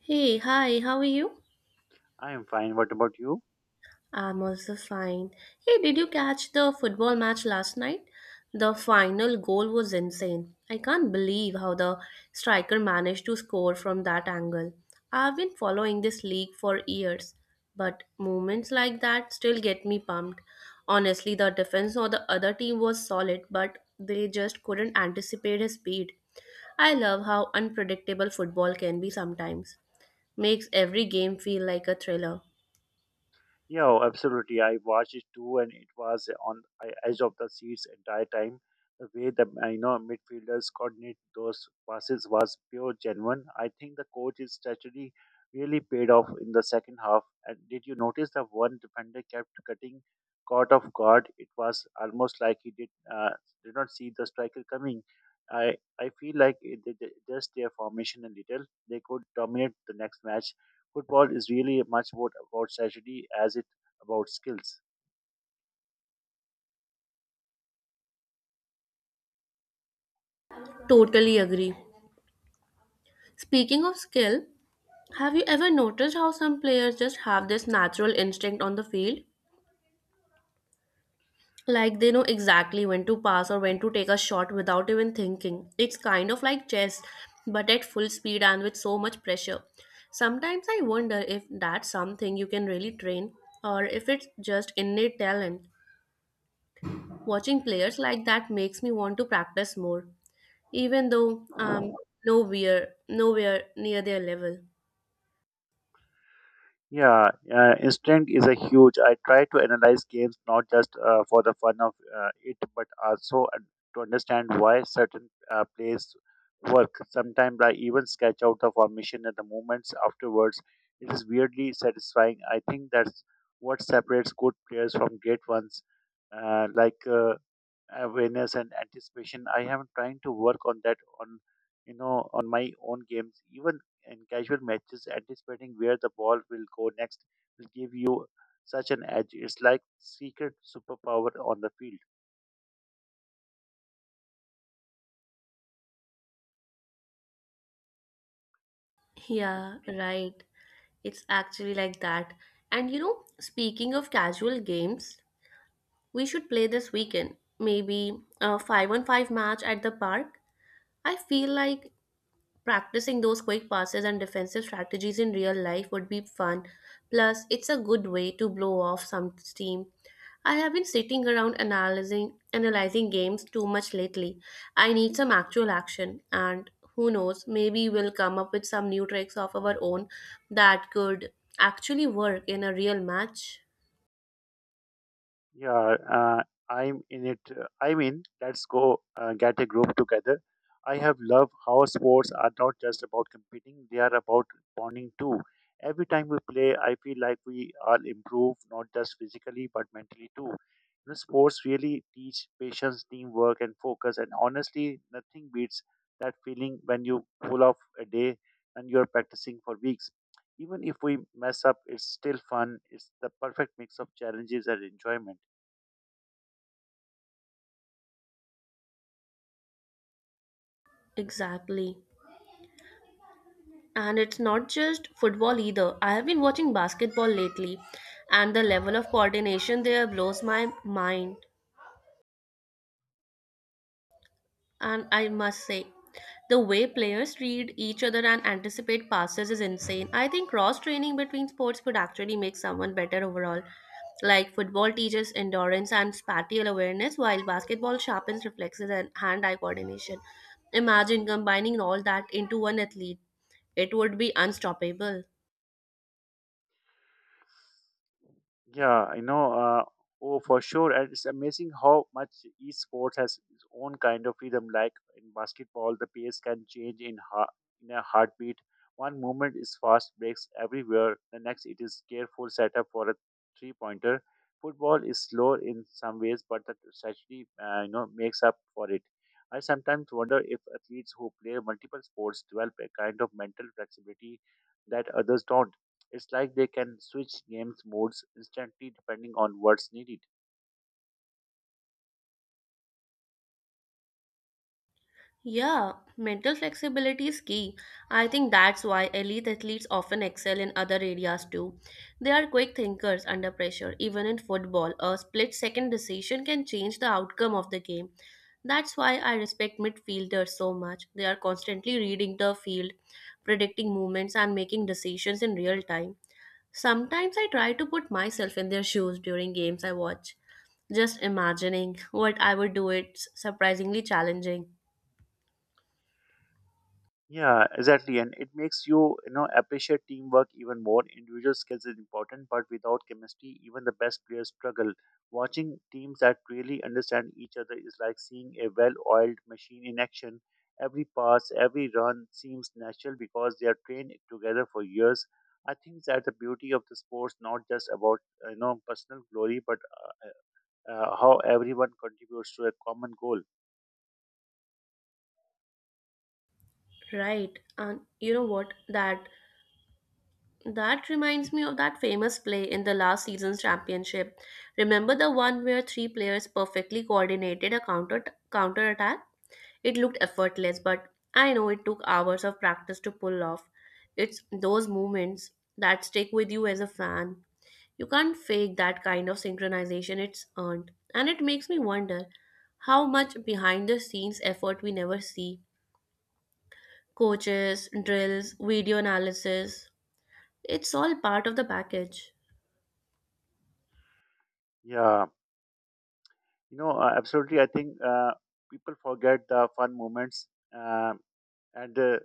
Hey, hi, how are you? I am fine. What about you? I'm also fine. Hey, did you catch the football match last night? The final goal was insane. I can't believe how the striker managed to score from that angle. I've been following this league for years, but moments like that still get me pumped. Honestly, the defense of the other team was solid, but they just couldn't anticipate his speed. I love how unpredictable football can be sometimes. Makes every game feel like a thriller. Yeah, oh, absolutely. I watched it too, and it was on the edge of the seats entire time. The way the midfielders coordinate those passes was pure genuine. I think the coach's strategy really paid off in the second half. And did you notice that one defender kept cutting caught off guard? It was almost like he uh, did not see the striker coming. I feel like it, just their formation a little. They could dominate the next match. Football is really much about strategy as it about skills. Totally agree. Speaking of skill, have you ever noticed how some players just have this natural instinct on the field? Like they know exactly when to pass or when to take a shot without even thinking. It's kind of like chess, but at full speed and with so much pressure. Sometimes I wonder if that's something you can really train or if it's just innate talent. Watching players like that makes me want to practice more, even though I'm nowhere near their level. Yeah, instinct is a huge. I try to analyze games not just for the fun of it, but also to understand why certain plays work. Sometimes I even sketch out the formation and the movements afterwards. It is weirdly satisfying. I think that's what separates good players from great ones. Like, awareness and anticipation, I am trying to work on that on on my own games, even in casual matches. Anticipating where the ball will go next will give you such an edge. It's like secret superpower on the field. And Yeah, right. It's actually like that. And you know, speaking of casual games, we should play this weekend. Maybe a 5 on 5 match at the park. I feel like practicing those quick passes and defensive strategies in real life would be fun. Plus, it's a good way to blow off some steam. I have been sitting around analyzing games too much lately. I need some actual action, and who knows, maybe we'll come up with some new tricks of our own that could actually work in a real match. yeah, I'm in it. I mean, let's go get a group together. I have loved how sports are not just about competing, they are about bonding too. Every time we play, I feel like we all improve, not just physically, but mentally too. You know, sports really teach patience, teamwork, and focus. And honestly, nothing beats that feeling when you pull off a day and you're practicing for weeks. Even if we mess up, it's still fun. It's the perfect mix of challenges and enjoyment. Exactly. And it's not just football either. I have been watching basketball lately, and the level of coordination there blows my mind. And I must say, the way players read each other and anticipate passes is insane. I think cross training between sports could actually make someone better overall. Like football teaches endurance and spatial awareness, while basketball sharpens reflexes and hand eye coordination. Imagine combining all that into one athlete, it would be unstoppable. Yeah, you know, oh, for sure. And it's amazing how much each sport has its own kind of freedom. Like in basketball, the pace can change in a heartbeat. One movement is fast breaks everywhere. The next, it is careful setup for a three-pointer. Football is slow in some ways, but that strategy, you know, makes up for it. I sometimes wonder if athletes who play multiple sports develop a kind of mental flexibility that others don't. It's like they can switch games modes instantly depending on what's needed. Yeah, mental flexibility is key. I think that's why elite athletes often excel in other areas too. They are quick thinkers under pressure. Even in football, a split second decision can change the outcome of the game. That's why I respect midfielders so much. They are constantly reading the field, predicting movements, and making decisions in real time. Sometimes I try to put myself in their shoes during games I watch. Just imagining what I would do, it's surprisingly challenging. Yeah, exactly. And it makes you, you know, appreciate teamwork even more. Individual skills is important, but without chemistry, even the best players struggle. Watching teams that really understand each other is like seeing a well-oiled machine in action. Every pass, every run seems natural because they are trained together for years. I think that the beauty of the sports not just about you know personal glory, but uh, how everyone contributes to a common goal. Right. And you know what? That reminds me of that famous play in the last season's championship. Remember the one where three players perfectly coordinated a counter attack? It looked effortless, but I know it took hours of practice to pull off. It's those moments that stick with you as a fan. You can't fake that kind of synchronization, it's earned. And it makes me wonder how much behind the scenes effort we never see: coaches, drills, video analysis. It's all part of the package. Yeah, you know, absolutely. I think people forget the fun moments Um and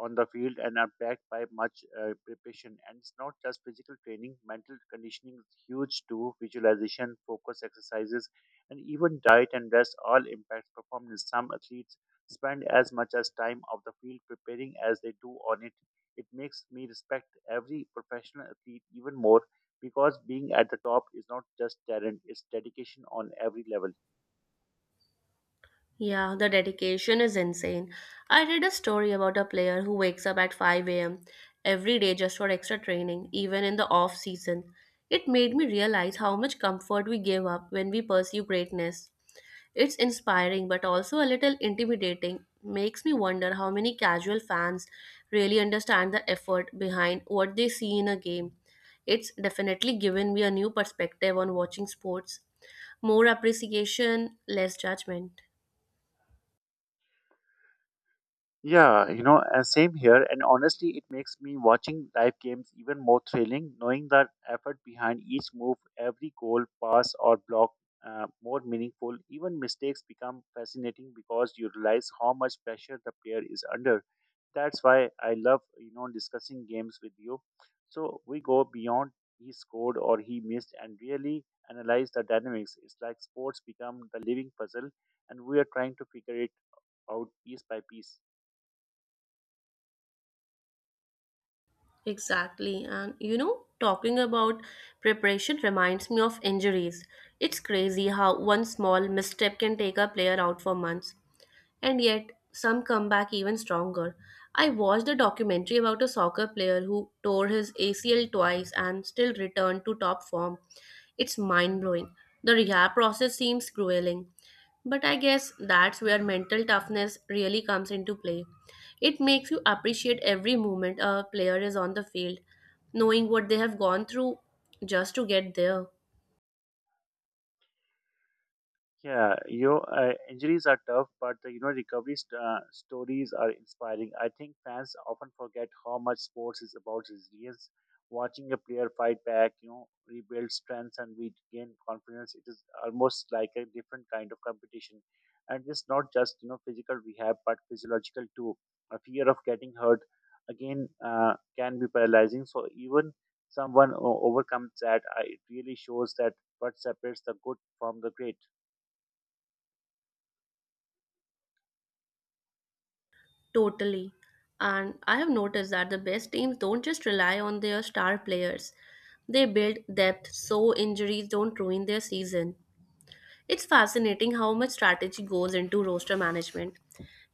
on the field and are backed by much preparation. And it's not just physical training; mental conditioning is huge too. Visualization, focus exercises, and even diet and rest all impact performance. Some athletes spend as much as time of the field preparing as they do on it. It makes me respect every professional athlete even more because being at the top is not just talent; it's dedication on every level. Yeah, the dedication is insane. I read a story about a player who wakes up at 5 a.m. every day just for extra training, even in the off season. It made me realize how much comfort we give up when we pursue greatness. It's inspiring but also a little intimidating. Makes me wonder how many casual fans really understand the effort behind what they see in a game. It's definitely given me a new perspective on watching sports. More appreciation, less judgment. Yeah, you know, and same here. And honestly, it makes me watching live games even more thrilling, knowing that effort behind each move, every goal, pass, or block, more meaningful. Even mistakes become fascinating because you realize how much pressure the player is under. That's why I love, you know, discussing games with you. So we go beyond he scored or he missed and really analyze the dynamics. It's like sports become the living puzzle, and we are trying to figure it out piece by piece. Exactly. And you know, talking about preparation reminds me of injuries. It's crazy how one small misstep can take a player out for months, and yet some come back even stronger. I watched a documentary about a soccer player who tore his ACL twice and still returned to top form. It's mind blowing. The rehab process seems grueling, but I guess that's where mental toughness really comes into play. It makes you appreciate every moment a player is on the field, knowing what they have gone through just to get there. Yeah, you injuries are tough, but you know recovery stories are inspiring. I think fans often forget how much sports is about resilience. Watching a player fight back, you know, rebuild strength and regain confidence. It is almost like a different kind of competition, and it's not just you know physical rehab, but physiological too. A fear of getting hurt again can be paralyzing. So even someone overcomes that, I, it really shows that what separates the good from the great. Totally. And I have noticed that the best teams don't just rely on their star players. They build depth so injuries don't ruin their season. It's fascinating how much strategy goes into roster management.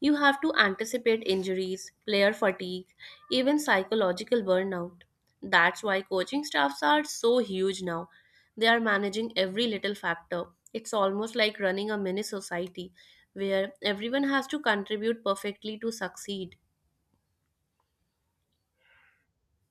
You have to anticipate injuries, player fatigue, even psychological burnout. That's why coaching staffs are so huge now. They are managing every little factor. It's almost like running a mini society where everyone has to contribute perfectly to succeed.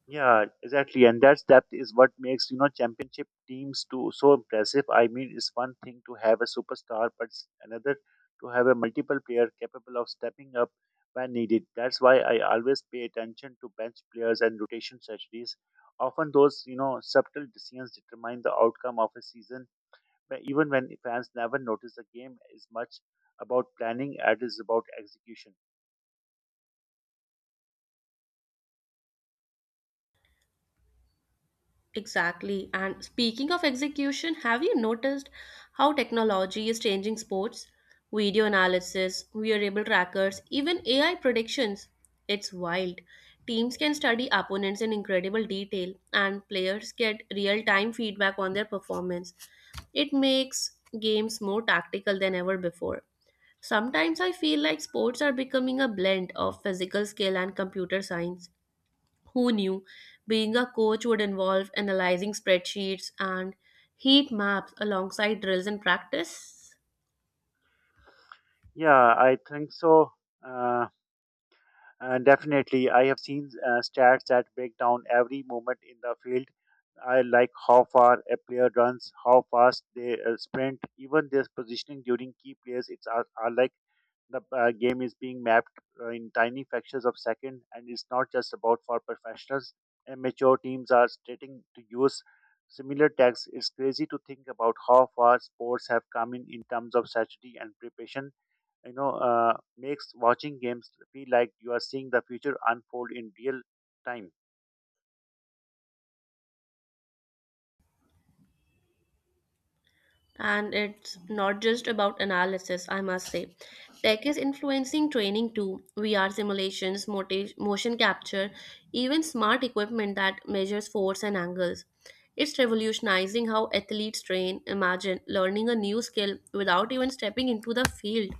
Yeah, exactly, and that's depth is what makes you know championship teams too so impressive. I mean, it's one thing to have a superstar, but it's another to have a multiple player capable of stepping up when needed. That's why I always pay attention to bench players and rotation strategies. Often, those you know subtle decisions determine the outcome of a season, but even when fans never notice. The game is much about planning as it is about execution. Exactly. And speaking of execution, have you noticed how technology is changing sports? Video analysis, wearable trackers, even AI predictions. It's wild. Teams can study opponents in incredible detail, and players get real time feedback on their performance. It makes games more tactical than ever before. Sometimes I feel like sports are becoming a blend of physical skill and computer science. Who knew being a coach would involve analyzing spreadsheets and heat maps alongside drills and practice? Yeah, I think so. Uh, And definitely, I have seen stats that break down every moment in the field. I like how far a player runs, how fast they sprint, even their positioning during key plays. Are like the game is being mapped in tiny fractions of second, and it's not just about for professionals. Amateur teams are starting to use similar tags. It's crazy to think about how far sports have come in terms of strategy and preparation. You know, makes watching games feel like you are seeing the future unfold in real time. And it's not just about analysis, I must say. Tech is influencing training too. VR simulations, motion capture, even smart equipment that measures force and angles. It's revolutionizing how athletes train. Imagine learning a new skill without even stepping into the field,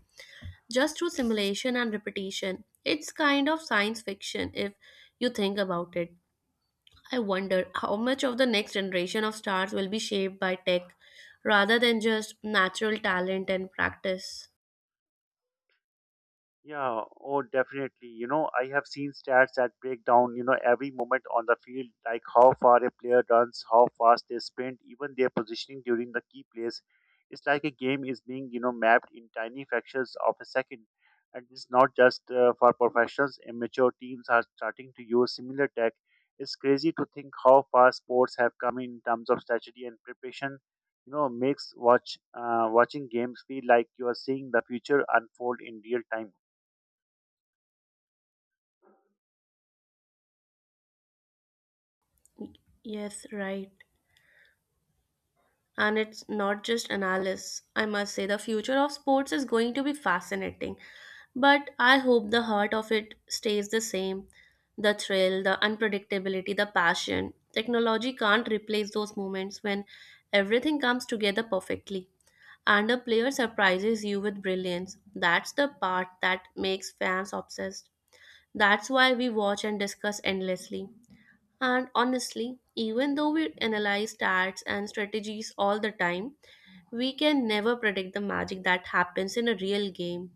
just through simulation and repetition. It's kind of science fiction if you think about it. I wonder how much of the next generation of stars will be shaped by tech rather than just natural talent and practice. Yeah, oh, definitely. You know, I have seen stats that break down, you know, every moment on the field, like how far a player runs, how fast they sprint, even their positioning during the key plays. It's like a game is being, you know, mapped in tiny fractions of a second. And it's not just for professionals, amateur teams are starting to use similar tech. It's crazy to think how far sports have come in terms of strategy and preparation. You know, makes watching games feel like you are seeing the future unfold in real time. Yes, right. And it's not just analysis. I must say, the future of sports is going to be fascinating. But I hope the heart of it stays the same: the thrill, the unpredictability, the passion. Technology can't replace those moments when everything comes together perfectly and a player surprises you with brilliance. That's the part that makes fans obsessed. That's why we watch and discuss endlessly. And honestly, even though we analyze stats and strategies all the time, we can never predict the magic that happens in a real game.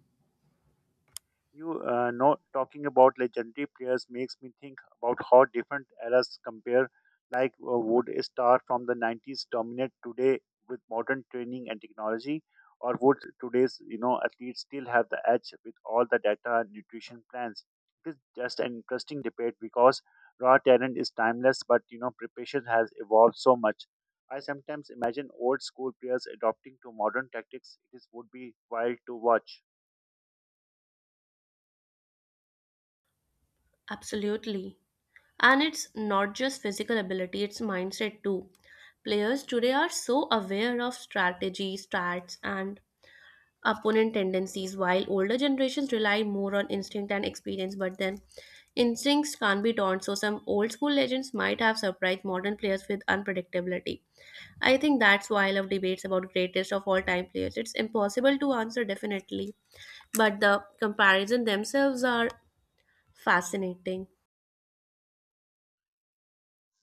You know, talking about legendary players makes me think about how different eras compare. Like would a star from the 90s dominate today with modern training and technology, or would today's you know athletes still have the edge with all the data and nutrition plans? It is just an interesting debate because raw talent is timeless, but you know preparation has evolved so much. I sometimes imagine old school players adopting to modern tactics. Would be wild to watch. Absolutely. And it's not just physical ability, it's mindset too. Players today are so aware of strategy, stats, and opponent tendencies, while older generations rely more on instinct and experience. But then, instincts can't be taught, so some old school legends might have surprised modern players with unpredictability. I think that's why I love debates about greatest of all time players. It's impossible to answer definitely, but the comparison themselves are fascinating.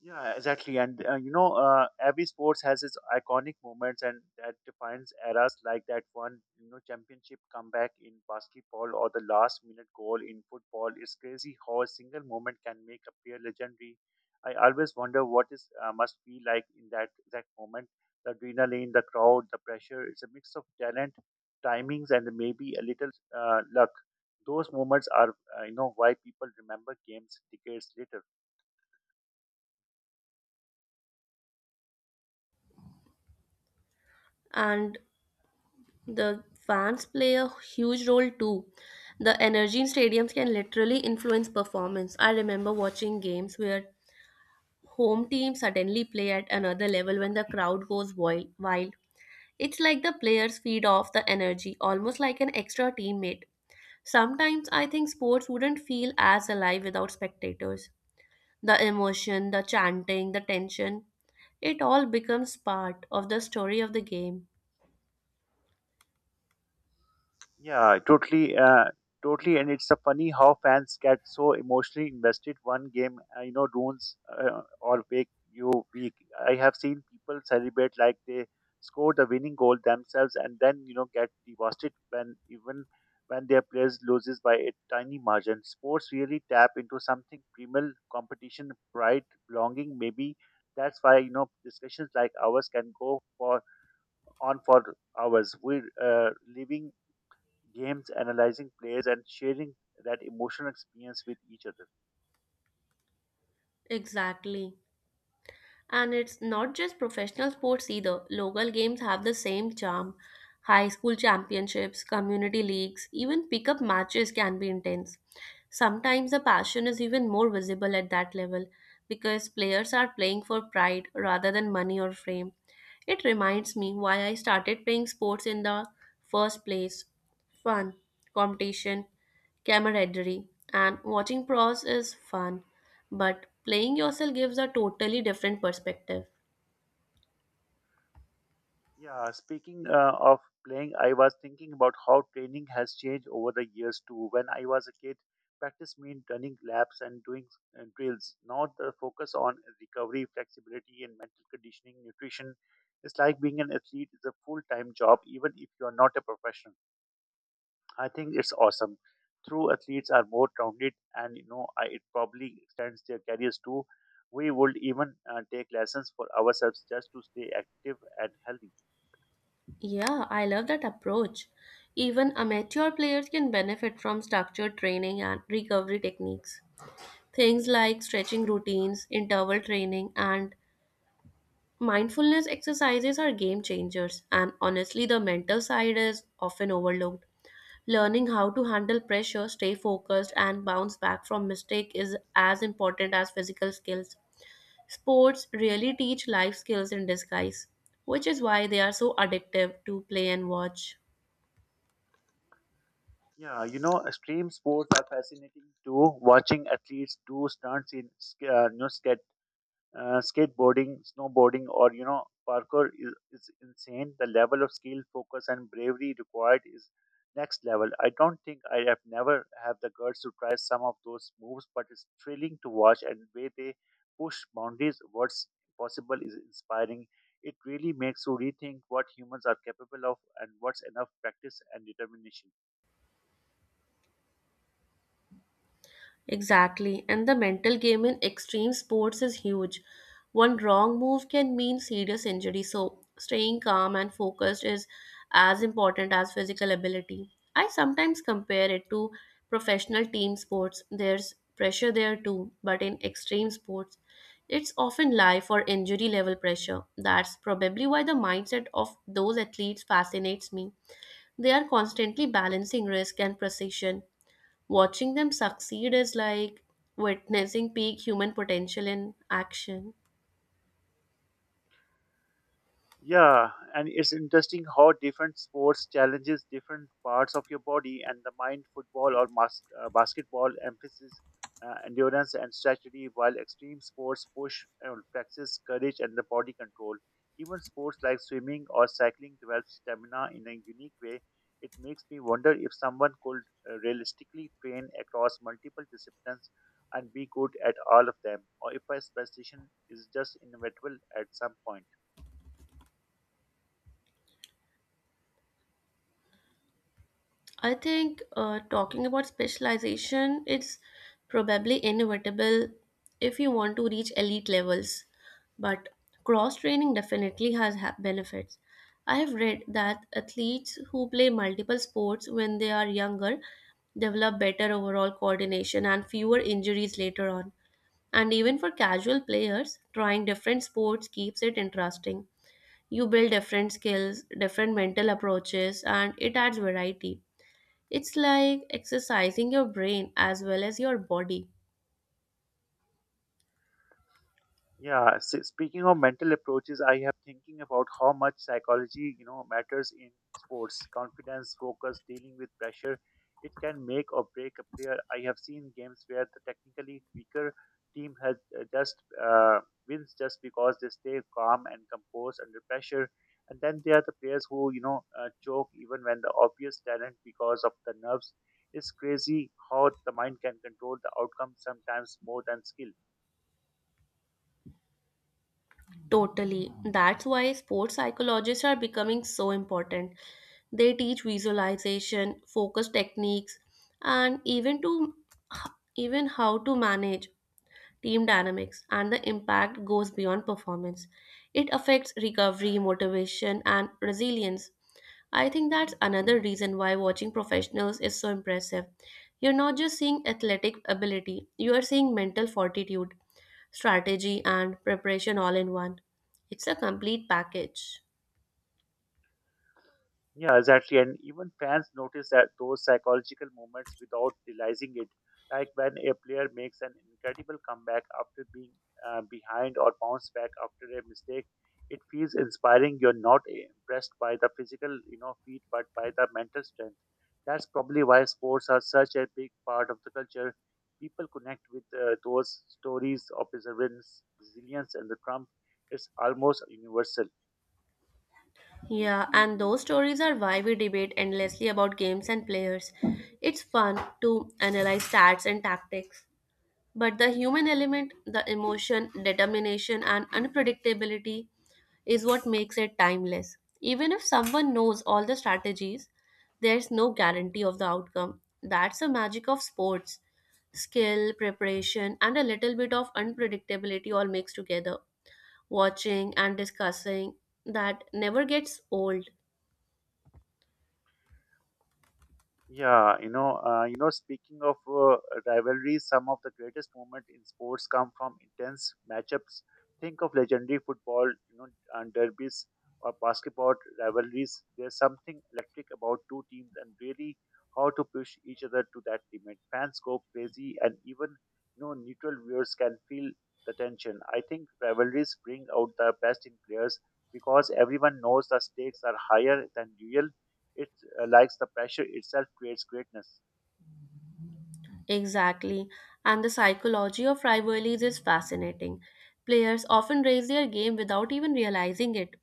Yeah, exactly. And you know, every sports has its iconic moments, and that defines eras, like that one, you know, championship comeback in basketball or the last minute goal in football. It's crazy how a single moment can make a player legendary. I always wonder what is must be like in that exact moment. The adrenaline, the crowd, the pressure. It's a mix of talent, timings, and maybe a little luck. Those moments are, you know, why people remember games decades later. And the fans play a huge role too. The energy in stadiums can literally influence performance. I remember watching games where home team suddenly play at another level when the crowd goes wild. It's like the players feed off the energy, almost like an extra teammate. Sometimes I think sports wouldn't feel as alive without spectators. The emotion, the chanting, the tension, it all becomes part of the story of the game. Yeah, totally, and it's a funny how fans get so emotionally invested. One game, you know, ruins or make you weak. I have seen people celebrate like they score the winning goal themselves, and then you know get devastated when even when their players loses by a tiny margin. Sports really tap into something primal: competition, pride, belonging. Maybe that's why you know discussions like ours can go for on for hours. We're living games, analyzing plays, and sharing that emotional experience with each other. Exactly. And it's not just professional sports either. Local games have the same charm. High school championships, community leagues, even pickup matches can be intense. Sometimes the passion is even more visible at that level because players are playing for pride rather than money or fame. It reminds me why I started playing sports in the first place: fun, competition, camaraderie, and watching pros is fun, but playing yourself gives a totally different perspective. Yeah, speaking of playing, I was thinking about how training has changed over the years too. When I was a kid, practice meant running laps and doing drills, not the focus on recovery, flexibility, and mental conditioning, nutrition. It's like being an athlete is a full time job, even if you are not a professional. I think it's awesome. True athletes are more rounded, and you know, I, it probably extends their careers too. We would even take lessons for ourselves just to stay active and healthy. Yeah, I love that approach. Even amateur players can benefit from structured training and recovery techniques. Things like stretching routines, interval training, and mindfulness exercises are game changers, and honestly, the mental side is often overlooked. Learning how to handle pressure, stay focused, and bounce back from mistake is as important as physical skills. Sports really teach life skills in disguise, which is why they are so addictive to play and watch. Yeah, you know, extreme sports are fascinating too. Watching athletes do stunts in you know, skateboarding, snowboarding, or you know, parkour is insane. The level of skill, focus, and bravery required is next level. I don't think I have never have the guts to try some of those moves, but it's thrilling to watch and way they push boundaries. What's possible is inspiring. It really makes you rethink what humans are capable of and what's enough practice and determination. Exactly, and the mental game in extreme sports is huge. One wrong move can mean serious injury, so staying calm and focused is as important as physical ability. I sometimes compare it to professional team sports. There's pressure there too, but in extreme sports, it's often life or injury level pressure. That's probably why the mindset of those athletes fascinates me. They are constantly balancing risk and precision. Watching them succeed is like witnessing peak human potential in action. Yeah, and it's interesting how different sports challenges different parts of your body and the mind. Football or basketball emphasis endurance and strategy, while extreme sports push and practice courage and the body control. Even sports like swimming or cycling develop stamina in a unique way. It makes me wonder if someone could realistically train across multiple disciplines and be good at all of them, or if a specialization is just inevitable at some point. I think talking about specialization, it's probably inevitable if you want to reach elite levels, but cross training definitely has benefits. I have read that athletes who play multiple sports when they are younger develop better overall coordination and fewer injuries later on. And even for casual players, trying different sports keeps it interesting. You build different skills, different mental approaches, and it adds variety. It's like exercising your brain as well as your body. Yeah, speaking of mental approaches, I have thinking about how much psychology, matters in sports. Confidence, focus, dealing with pressure, it can make or break a player. I have seen games where the technically weaker team has just uh, wins just because they stay calm and composed under pressure. And then there are the players who, choke even when the obvious talent because of the nerves. It's crazy how the mind can control the outcome sometimes more than skill. Totally. That's why sports psychologists are becoming so important. They teach visualization, focus techniques, and even how to manage team dynamics, and the impact goes beyond performance. It affects recovery, motivation, and resilience. I think that's another reason why watching professionals is so impressive. You're not just seeing athletic ability, you are seeing mental fortitude, strategy, and preparation all in one. It's a complete package. Yeah, exactly. And even fans notice that those psychological moments without realizing it, like when a player makes an incredible comeback after being behind or bounce back after a mistake, it feels inspiring. You're not impressed by the physical, feat, but by the mental strength. That's probably why sports are such a big part of the culture. People connect with those stories of perseverance, resilience, and the triumph. It's almost universal. Yeah, and those stories are why we debate endlessly about games and players. It's fun to analyze stats and tactics, but the human element, the emotion, determination, and unpredictability is what makes it timeless. Even if someone knows all the strategies, there's no guarantee of the outcome. That's the magic of sports. Skill, preparation, and a little bit of unpredictability all mixed together. Watching and discussing that never gets old. Yeah, you know, you know. Speaking of rivalries, some of the greatest moments in sports come from intense matchups. Think of legendary football and derbies or basketball rivalries. There's something electric about two teams and really how to push each other to that limit. Fans go crazy, and even neutral viewers can feel the tension. I think rivalries bring out the best in players because everyone knows the stakes are higher than usual it likes the pressure itself creates greatness. Exactly. And the psychology of rivalries is fascinating. Players often raise their game without even realizing it.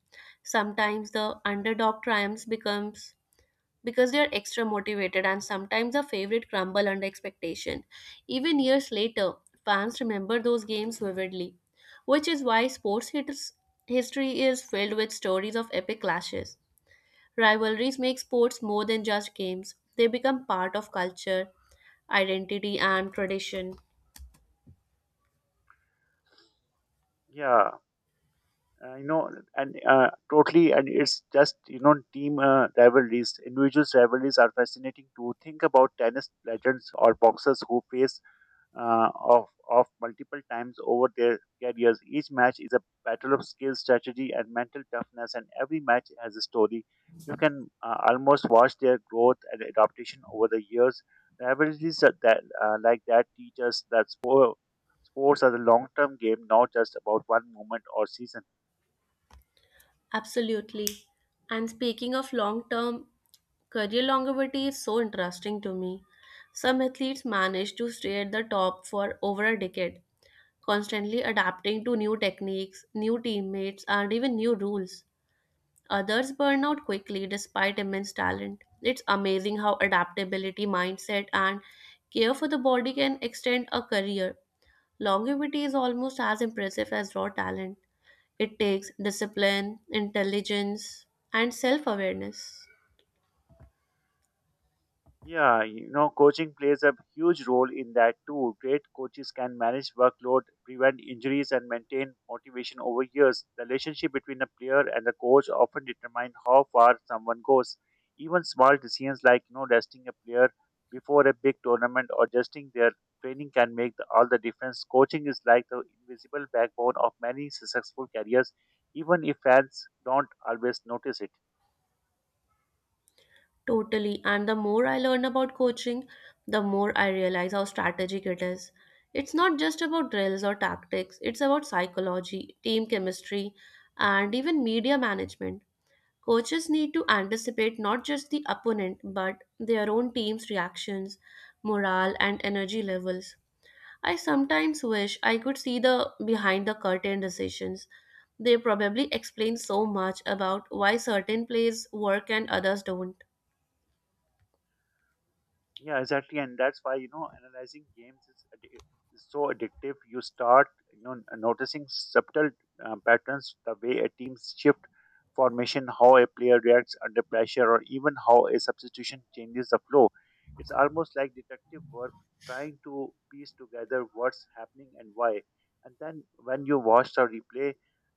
Sometimes the underdog triumphs becomes because they are extra motivated, and sometimes the favorite crumble under expectation. Even years later, fans remember those games vividly, which is why history is filled with stories of epic clashes. Rivalries make sports more than just games, they become part of culture, identity, and tradition. Yeah uh, you know and uh, totally and it's just team rivalries individuals rivalries are fascinating to think about tennis legends or boxers who face of multiple times over their careers. Each match is a battle of skill, strategy, and mental toughness, and every match has a story. You can almost watch their growth and adaptation over the years. Rivalries like that teach us that sports are a long-term game, not just about one moment or season. Absolutely. And speaking of long term, career longevity is so interesting to me. Some athletes manage to stay at the top for over a decade, constantly adapting to new techniques, new teammates, and even new rules. Others burn out quickly despite immense talent. It's amazing how adaptability, mindset, and care for the body can extend a career. Longevity is almost as impressive as raw talent. It takes discipline, intelligence, and self awareness. Yeah, you know, coaching plays a huge role in that too. Great coaches can manage workload, prevent injuries, and maintain motivation over years. The relationship between a player and the coach often determine how far someone goes. Even small decisions like resting a player before a big tournament or adjusting their training can make the, all the difference. Coaching is like the invisible backbone of many successful careers, even if fans don't always notice it. Totally. And the more I learn about coaching, the more I realize how strategic it is. It's not just about drills or tactics, it's about psychology, team chemistry, and even media management. Coaches need to anticipate not just the opponent, but their own team's reactions, morale, and energy levels. I sometimes wish I could see the behind the curtain decisions. They probably explain so much about why certain plays work and others don't. Yeah, exactly, and that's why analyzing games is so addictive. You start noticing subtle patterns, the way a team's shift formation, how a player reacts under pressure, or even how a substitution changes the flow. It's almost like detective work, trying to piece together what's happening and why. And then when you watch the replay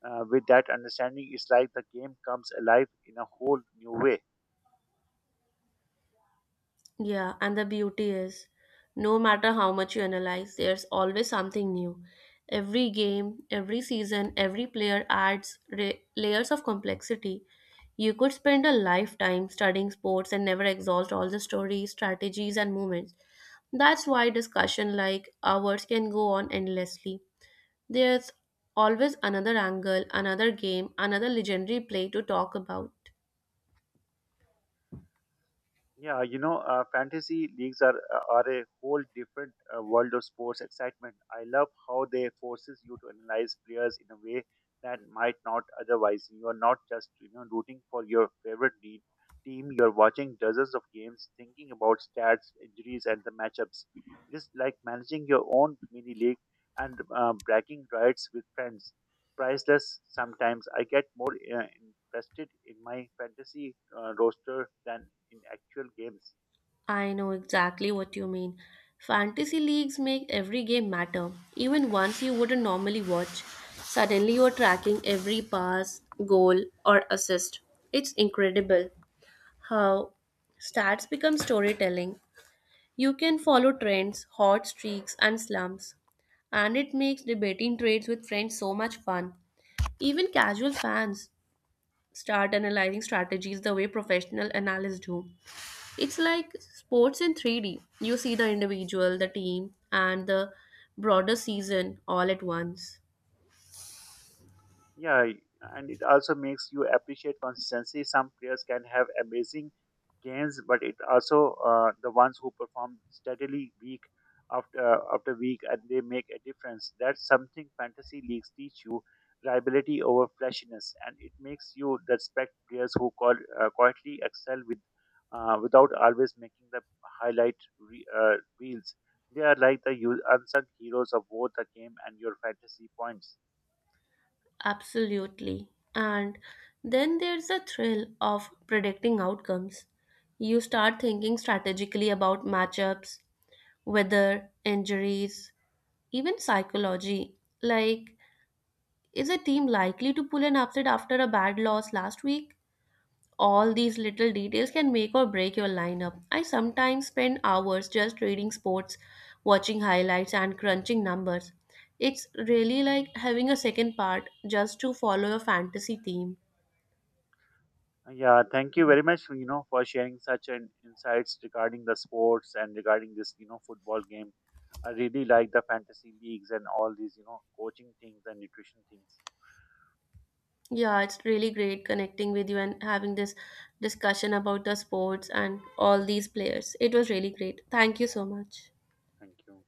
with that understanding, it's like the game comes alive in a whole new way. Yeah, and the beauty is no matter how much you analyze, there's always something new. Every game, every season, every player adds layers of complexity. You could spend a lifetime studying sports and never exhaust all the stories, strategies, and moments. That's why discussion like ours can go on endlessly. There's always another angle, another game, another legendary play to talk about. Fantasy leagues are a whole different world of sports excitement. I love how they forces you to analyze players in a way that might not otherwise. You are not just rooting for your favorite team. You are watching dozens of games, thinking about stats, injuries, and the matchups. It is like managing your own mini league and bragging rights with friends priceless sometimes. I get more invested in my fantasy roster than in actual games. I know exactly what you mean. Fantasy leagues make every game matter, even ones you wouldn't normally watch. Suddenly, you're tracking every pass, goal, or assist. It's incredible how stats become storytelling. You can follow trends, hot streaks, and slumps, and it makes debating trades with friends so much fun. Even casual fans start analyzing strategies the way professional analysts do. It's like sports in 3D. You see the individual, the team, and the broader season all at once. Yeah, and it also makes you appreciate consistency. Some players can have amazing games, but it also the ones who perform steadily week after week and they make a difference. That's something fantasy leagues teach you: reliability over flashiness, and it makes you respect players who call quietly excel with without always making the reels. They are like the unsung heroes of both the game and your fantasy points. Absolutely. And then there's the thrill of predicting outcomes. You start thinking strategically about matchups, weather, injuries, even psychology. Like, is a team likely to pull an upset after a bad loss last week? All these little details can make or break your lineup. I sometimes spend hours just reading sports, watching highlights, and crunching numbers. It's really like having a second part just to follow your fantasy theme. Yeah, thank you very much, you know, for sharing such an insights regarding the sports and regarding this, you know, football game. I really like the fantasy leagues and all these, you know, coaching things and nutrition things. Yeah, it's really great connecting with you and having this discussion about the sports and all these players. It was really great. Thank you so much. Thank you.